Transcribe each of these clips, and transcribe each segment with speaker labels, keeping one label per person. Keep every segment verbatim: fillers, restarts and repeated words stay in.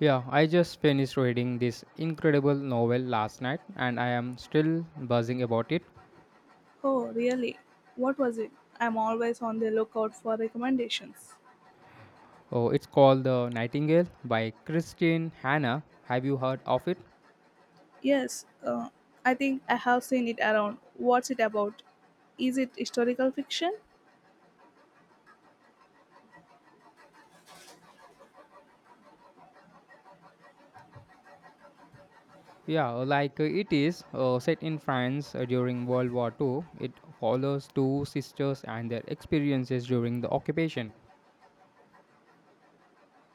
Speaker 1: Yeah, I just finished reading this incredible novel last night, and I am still buzzing about it.
Speaker 2: Oh, really? What was it? I'm always on the lookout for recommendations.
Speaker 1: Oh, it's called The Nightingale by Christine Hanna. Have you heard of it?
Speaker 2: Yes, uh, I think I have seen it around. What's it about? Is it historical fiction?
Speaker 1: Yeah, like uh, it is uh, set in France uh, during World War two. It follows two sisters and their experiences during the occupation.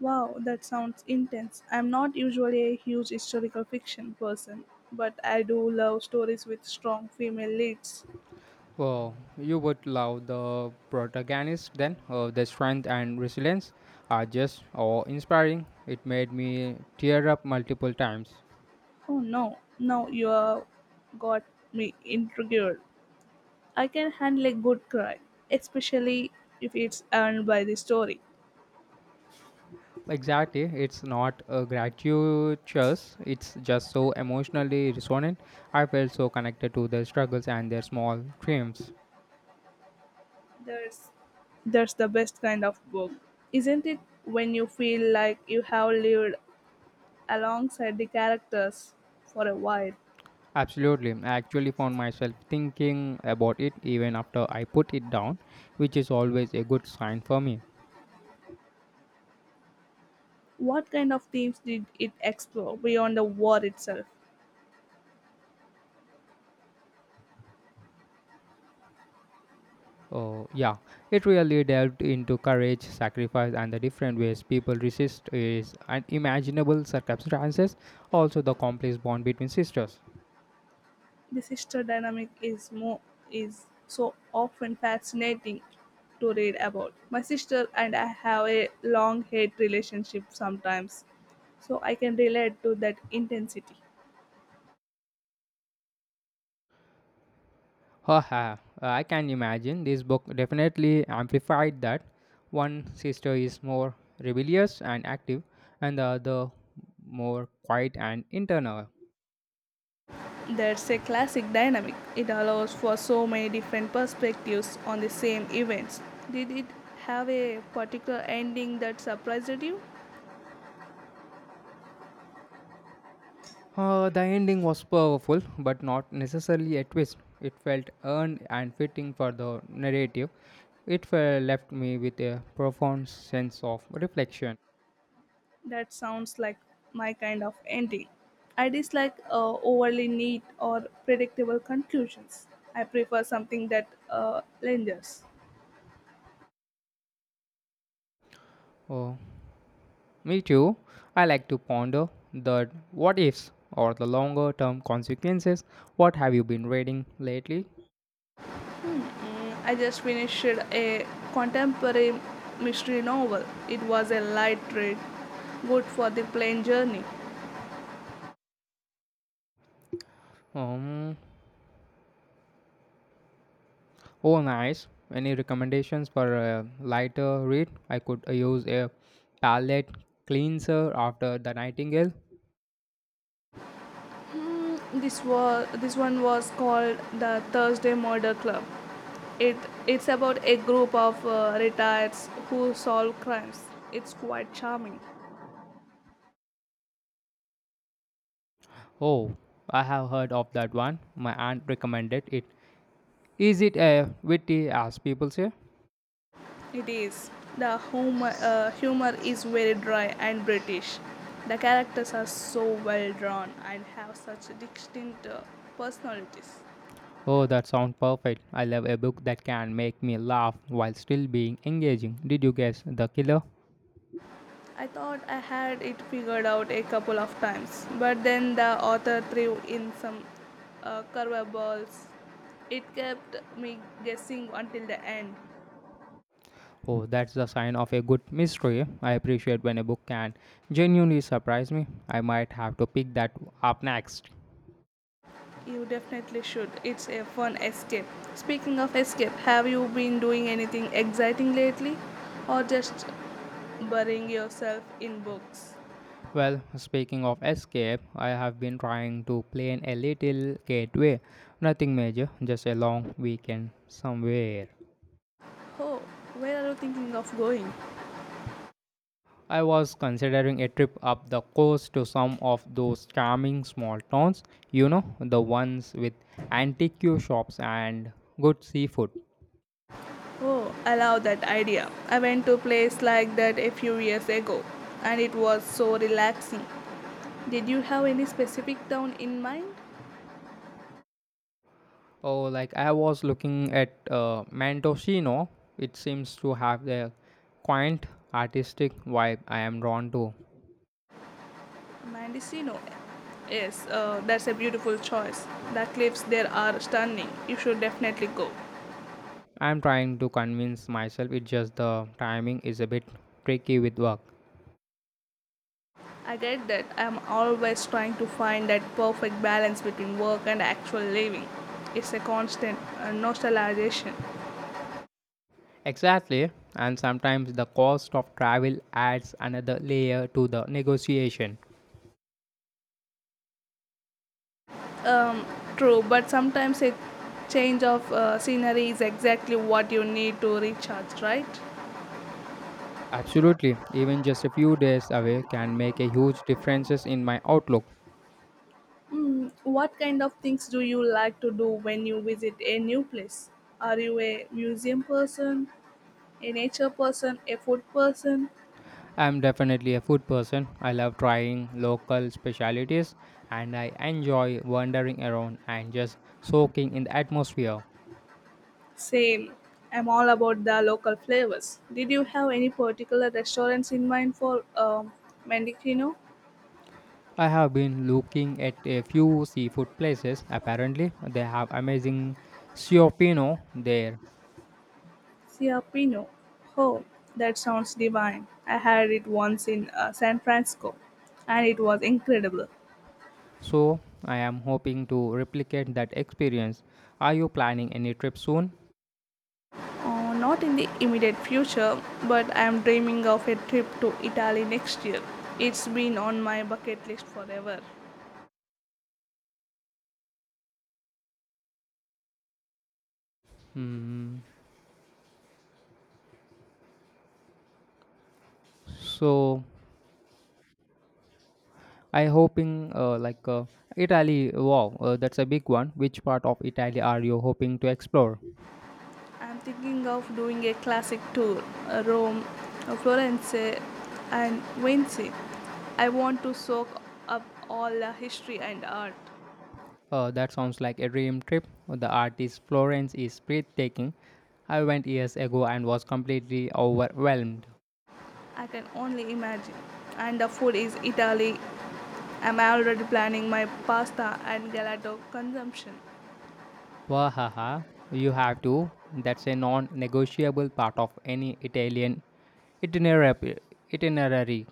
Speaker 2: Wow, that sounds intense. I'm not usually a huge historical fiction person, but I do love stories with strong female leads.
Speaker 1: Well, you would love the protagonist then. Uh, the strength and resilience are just awe inspiring. It made me tear up multiple times.
Speaker 2: Oh no, now you have got me intrigued. I can handle a good cry, especially if it's earned by the story.
Speaker 1: Exactly, it's not uh, gratuitous, it's just so emotionally resonant. I felt so connected to their struggles and their small triumphs.
Speaker 2: That's that's the best kind of book, isn't it? When you feel like you have lived alongside the characters for a while.
Speaker 1: Absolutely, I actually found myself thinking about it even after I put it down, which is always a good sign for me.
Speaker 2: What kind of themes did it explore beyond the war itself?
Speaker 1: Oh, yeah, it really delved into courage, sacrifice, and the different ways people resist is unimaginable circumstances, also the complex bond between sisters.
Speaker 2: The sister dynamic is more is so often fascinating to read about. My sister and I have a long hate relationship sometimes, so I can relate to that intensity.
Speaker 1: Haha, I can imagine this book definitely amplified that. One sister is more rebellious and active, and the other more quiet and internal.
Speaker 2: That's a classic dynamic. It allows for so many different perspectives on the same events. Did it have a particular ending that surprised you?
Speaker 1: Uh, the ending was powerful, but not necessarily a twist. It felt earned and fitting for the narrative. It fe- left me with a profound sense of reflection.
Speaker 2: That sounds like my kind of ending. I dislike uh, overly neat or predictable conclusions. I prefer something that uh, lingers.
Speaker 1: Oh, me too. I like to ponder the what ifs or the longer term consequences. What have you been reading lately?
Speaker 2: I just finished a contemporary mystery novel. It was a light read, good for the plane journey.
Speaker 1: Um, oh, nice. Any recommendations for a lighter read? I could uh, use a palette cleanser after The Nightingale.
Speaker 2: This was this one was called the Thursday Murder Club. It it's about a group of uh, retirees who solve crimes. It's quite charming.
Speaker 1: Oh, I have heard of that one. My aunt recommended it. Is it a witty as people say?
Speaker 2: It is. The humor uh, humor is very dry and British. The characters are so well drawn and have such distinct uh, personalities.
Speaker 1: Oh, that sounds perfect. I love a book that can make me laugh while still being engaging. Did you guess the killer?
Speaker 2: I thought I had it figured out a couple of times, but then the author threw in some uh, curveballs. It kept me guessing until the end.
Speaker 1: Oh, that's the sign of a good mystery. I appreciate when a book can genuinely surprise me. I might have to pick that up next.
Speaker 2: You definitely should. It's a fun escape. Speaking of escape, have you been doing anything exciting lately or just burying yourself in books?
Speaker 1: Well, speaking of escape, I have been trying to plan a little getaway. Nothing major, just a long weekend somewhere.
Speaker 2: Oh, where are you thinking of going?
Speaker 1: I was considering a trip up the coast to some of those charming small towns, you know, the ones with antique shops and good seafood.
Speaker 2: Oh, I love that idea. I went to a place like that a few years ago and it was so relaxing. Did you have any specific town in mind?
Speaker 1: Oh, like I was looking at uh, Mantosino. It seems to have the quaint artistic vibe I am drawn to.
Speaker 2: Mendocino. Yes, uh, that's a beautiful choice. The cliffs there are stunning. You should definitely go.
Speaker 1: I'm trying to convince myself it's just the timing is a bit tricky with work.
Speaker 2: I get that. I'm always trying to find that perfect balance between work and actual living. It's a constant uh, nostalgization.
Speaker 1: Exactly, and sometimes the cost of travel adds another layer to the negotiation.
Speaker 2: Um, True, but sometimes a change of uh, scenery is exactly what you need to recharge, right?
Speaker 1: Absolutely, even just a few days away can make a huge differences in my outlook.
Speaker 2: What kind of things do you like to do when you visit a new place? Are you a museum person, a nature person, a food person?
Speaker 1: I'm definitely a food person. I love trying local specialities, and I enjoy wandering around and just soaking in the atmosphere.
Speaker 2: Same. I'm all about the local flavors. Did you have any particular restaurants in mind for um, mendocino?
Speaker 1: I have been looking at a few seafood places. Apparently, they have amazing siopino there.
Speaker 2: Ciapino. Oh, that sounds divine. I had it once in uh, San Francisco and it was incredible.
Speaker 1: So, I am hoping to replicate that experience. Are you planning any trip soon?
Speaker 2: Uh, not in the immediate future, but I am dreaming of a trip to Italy next year. It's been on my bucket list forever.
Speaker 1: Hmm. So, I hoping uh, like uh, Italy. Wow, uh, that's a big one. Which part of Italy are you hoping to explore?
Speaker 2: I'm thinking of doing a classic tour uh, Rome, uh, Florence, and Venice. I want to soak up all the history and art.
Speaker 1: Oh, that sounds like a dream trip. The artist Florence is breathtaking. I went years ago and was completely overwhelmed.
Speaker 2: I can only imagine. And the food is Italy. I'm already planning my pasta and gelato consumption.
Speaker 1: Wahaha, you have to. That's a non negotiable part of any Italian itinerary. itinerary.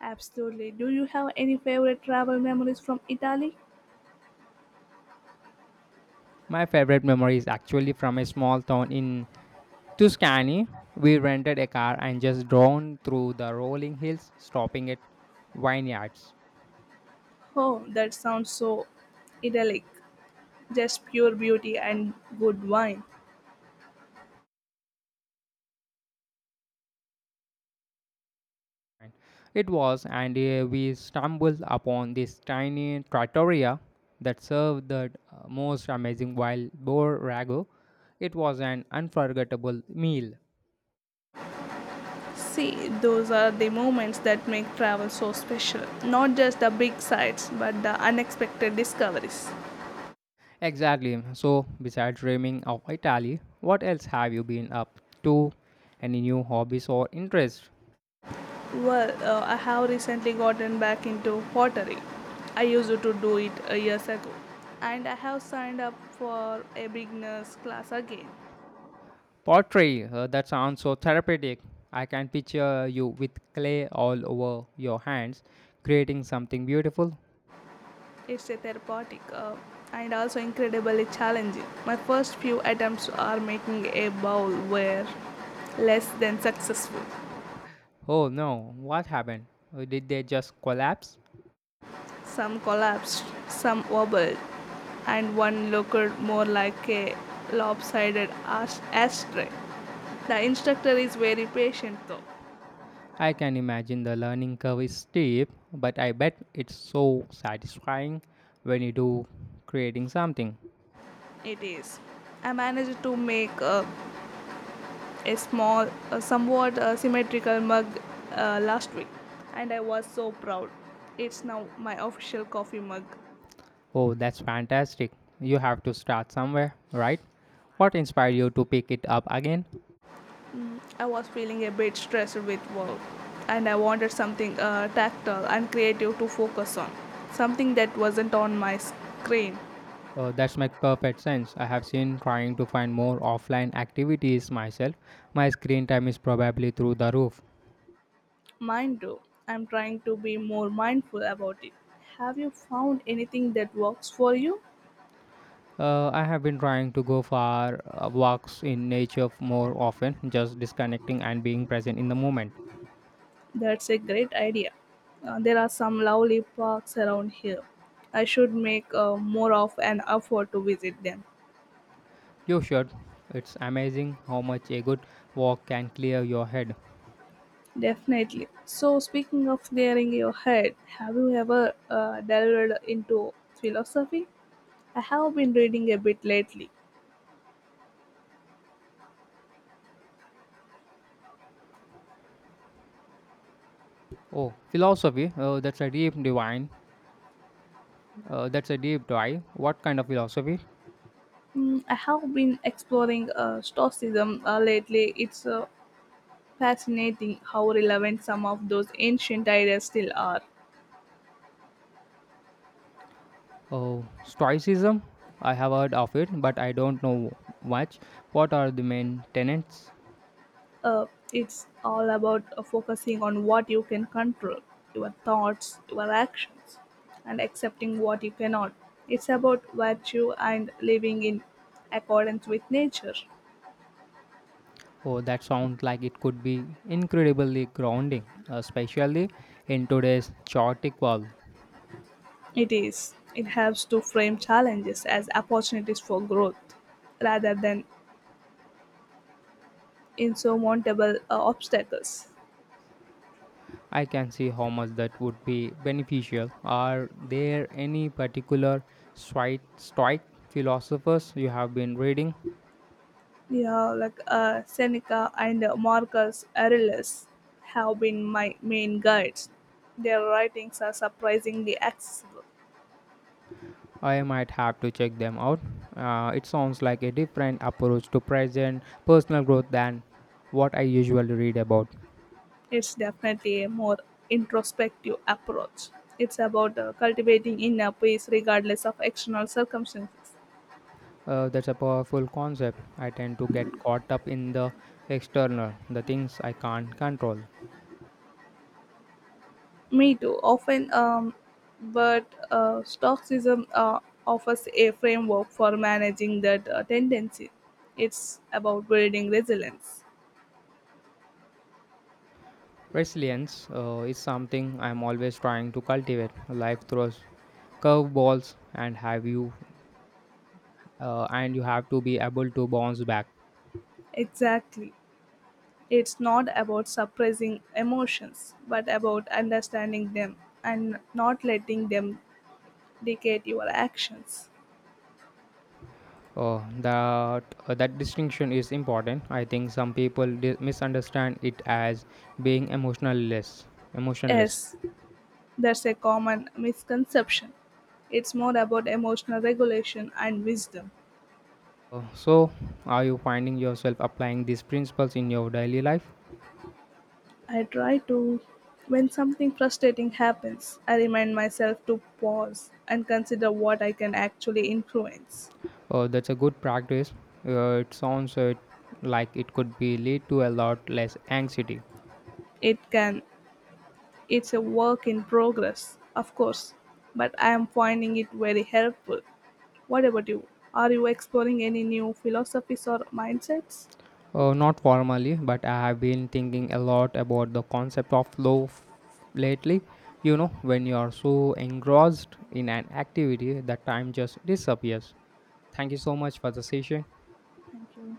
Speaker 2: Absolutely. Do you have any favorite travel memories from Italy?
Speaker 1: My favorite memory is actually from a small town in Tuscany. We rented a car and just drove through the rolling hills, stopping at vineyards.
Speaker 2: Oh, that sounds so idyllic. Just pure beauty and good wine.
Speaker 1: Right. It was, and uh, we stumbled upon this tiny trattoria that served the uh, most amazing wild boar ragu. It was an unforgettable meal.
Speaker 2: See, those are the moments that make travel so special. Not just the big sights, but the unexpected discoveries.
Speaker 1: Exactly. So, besides dreaming of Italy, what else have you been up to? Any new hobbies or interests?
Speaker 2: Well, uh, I have recently gotten back into pottery. I used to do it uh, years ago. And I have signed up for a beginner's class again.
Speaker 1: Pottery, uh, that sounds so therapeutic. I can picture you with clay all over your hands, creating something beautiful.
Speaker 2: It's a therapeutic uh, and also incredibly challenging. My first few attempts are making a bowl were less than successful.
Speaker 1: Oh no, what happened? Uh, Did they just collapse?
Speaker 2: Some collapsed, some wobbled, and one looked more like a lopsided ash- ashtray. The instructor is very patient though.
Speaker 1: I can imagine the learning curve is steep, but I bet it's so satisfying when you do creating something.
Speaker 2: It is. I managed to make uh, a small, uh, somewhat uh, symmetrical mug uh, last week, and I was so proud. It's now my official coffee mug.
Speaker 1: Oh, that's fantastic. You have to start somewhere, right? What inspired you to pick it up again?
Speaker 2: I was feeling a bit stressed with work and I wanted something uh, tactile and creative to focus on. Something that wasn't on my screen.
Speaker 1: Uh, that makes perfect sense. I have seen trying to find more offline activities myself. My screen time is probably through the roof.
Speaker 2: Mind though, I'm trying to be more mindful about it. Have you found anything that works for you?
Speaker 1: Uh, I have been trying to go for uh, walks in nature more often, just disconnecting and being present in the moment.
Speaker 2: That's a great idea. Uh, there are some lovely parks around here. I should make uh, more of an effort to visit them.
Speaker 1: You should. It's amazing how much a good walk can clear your head.
Speaker 2: Definitely. So, speaking of clearing your head, have you ever uh, delved into philosophy? I have been reading a bit lately.
Speaker 1: Oh, philosophy. Oh, that's a deep divine. Uh, that's a deep dive. What kind of philosophy?
Speaker 2: Mm, I have been exploring uh, Stoicism uh, lately. It's uh, fascinating how relevant some of those ancient ideas still are.
Speaker 1: Oh, Stoicism. I have heard of it, but I don't know much. What are the main tenets?
Speaker 2: Uh, it's all about uh, focusing on what you can control your thoughts, your actions, and accepting what you cannot. It's about virtue and living in accordance with nature.
Speaker 1: Oh, that sounds like it could be incredibly grounding, especially in today's chaotic world.
Speaker 2: It is. It helps to frame challenges as opportunities for growth rather than insurmountable uh, obstacles.
Speaker 1: I can see how much that would be beneficial. Are there any particular Stoic, Stoic philosophers you have been reading?
Speaker 2: Yeah, like uh, Seneca and uh, Marcus Aurelius have been my main guides. Their writings are surprisingly accessible.
Speaker 1: I might have to check them out. Uh, it sounds like a different approach to present personal growth than what I usually read about.
Speaker 2: It's definitely a more introspective approach. It's about uh, cultivating inner peace regardless of external circumstances.
Speaker 1: Uh, that's a powerful concept. I tend to get caught up in the external, the things I can't control.
Speaker 2: Me too. Often, um, but uh, Stoicism uh, offers a framework for managing that uh, tendency. It's about building resilience.
Speaker 1: Resilience uh, is something I'm always trying to cultivate. Life throws curveballs and have you uh, and you have to be able to bounce back.
Speaker 2: Exactly. It's not about suppressing emotions, but about understanding them and not letting them dictate your actions.
Speaker 1: Uh, that uh, that distinction is important. I think some people di- misunderstand it as being emotionless. Emotionless.
Speaker 2: Yes, that's a common misconception. It's more about emotional regulation and wisdom.
Speaker 1: Uh, so, are you finding yourself applying these principles in your daily life?
Speaker 2: I try to, when something frustrating happens, I remind myself to pause and consider what I can actually influence.
Speaker 1: Uh, that's a good practice. Uh, it sounds uh, like it could be lead to a lot less anxiety.
Speaker 2: It can. It's a work in progress, of course, but I am finding it very helpful. What about you? Are you exploring any new philosophies or mindsets?
Speaker 1: Uh, not formally, but I have been thinking a lot about the concept of flow f- lately. You know, when you are so engrossed in an activity that time just disappears. Thank you so much for the session.
Speaker 2: Thank you.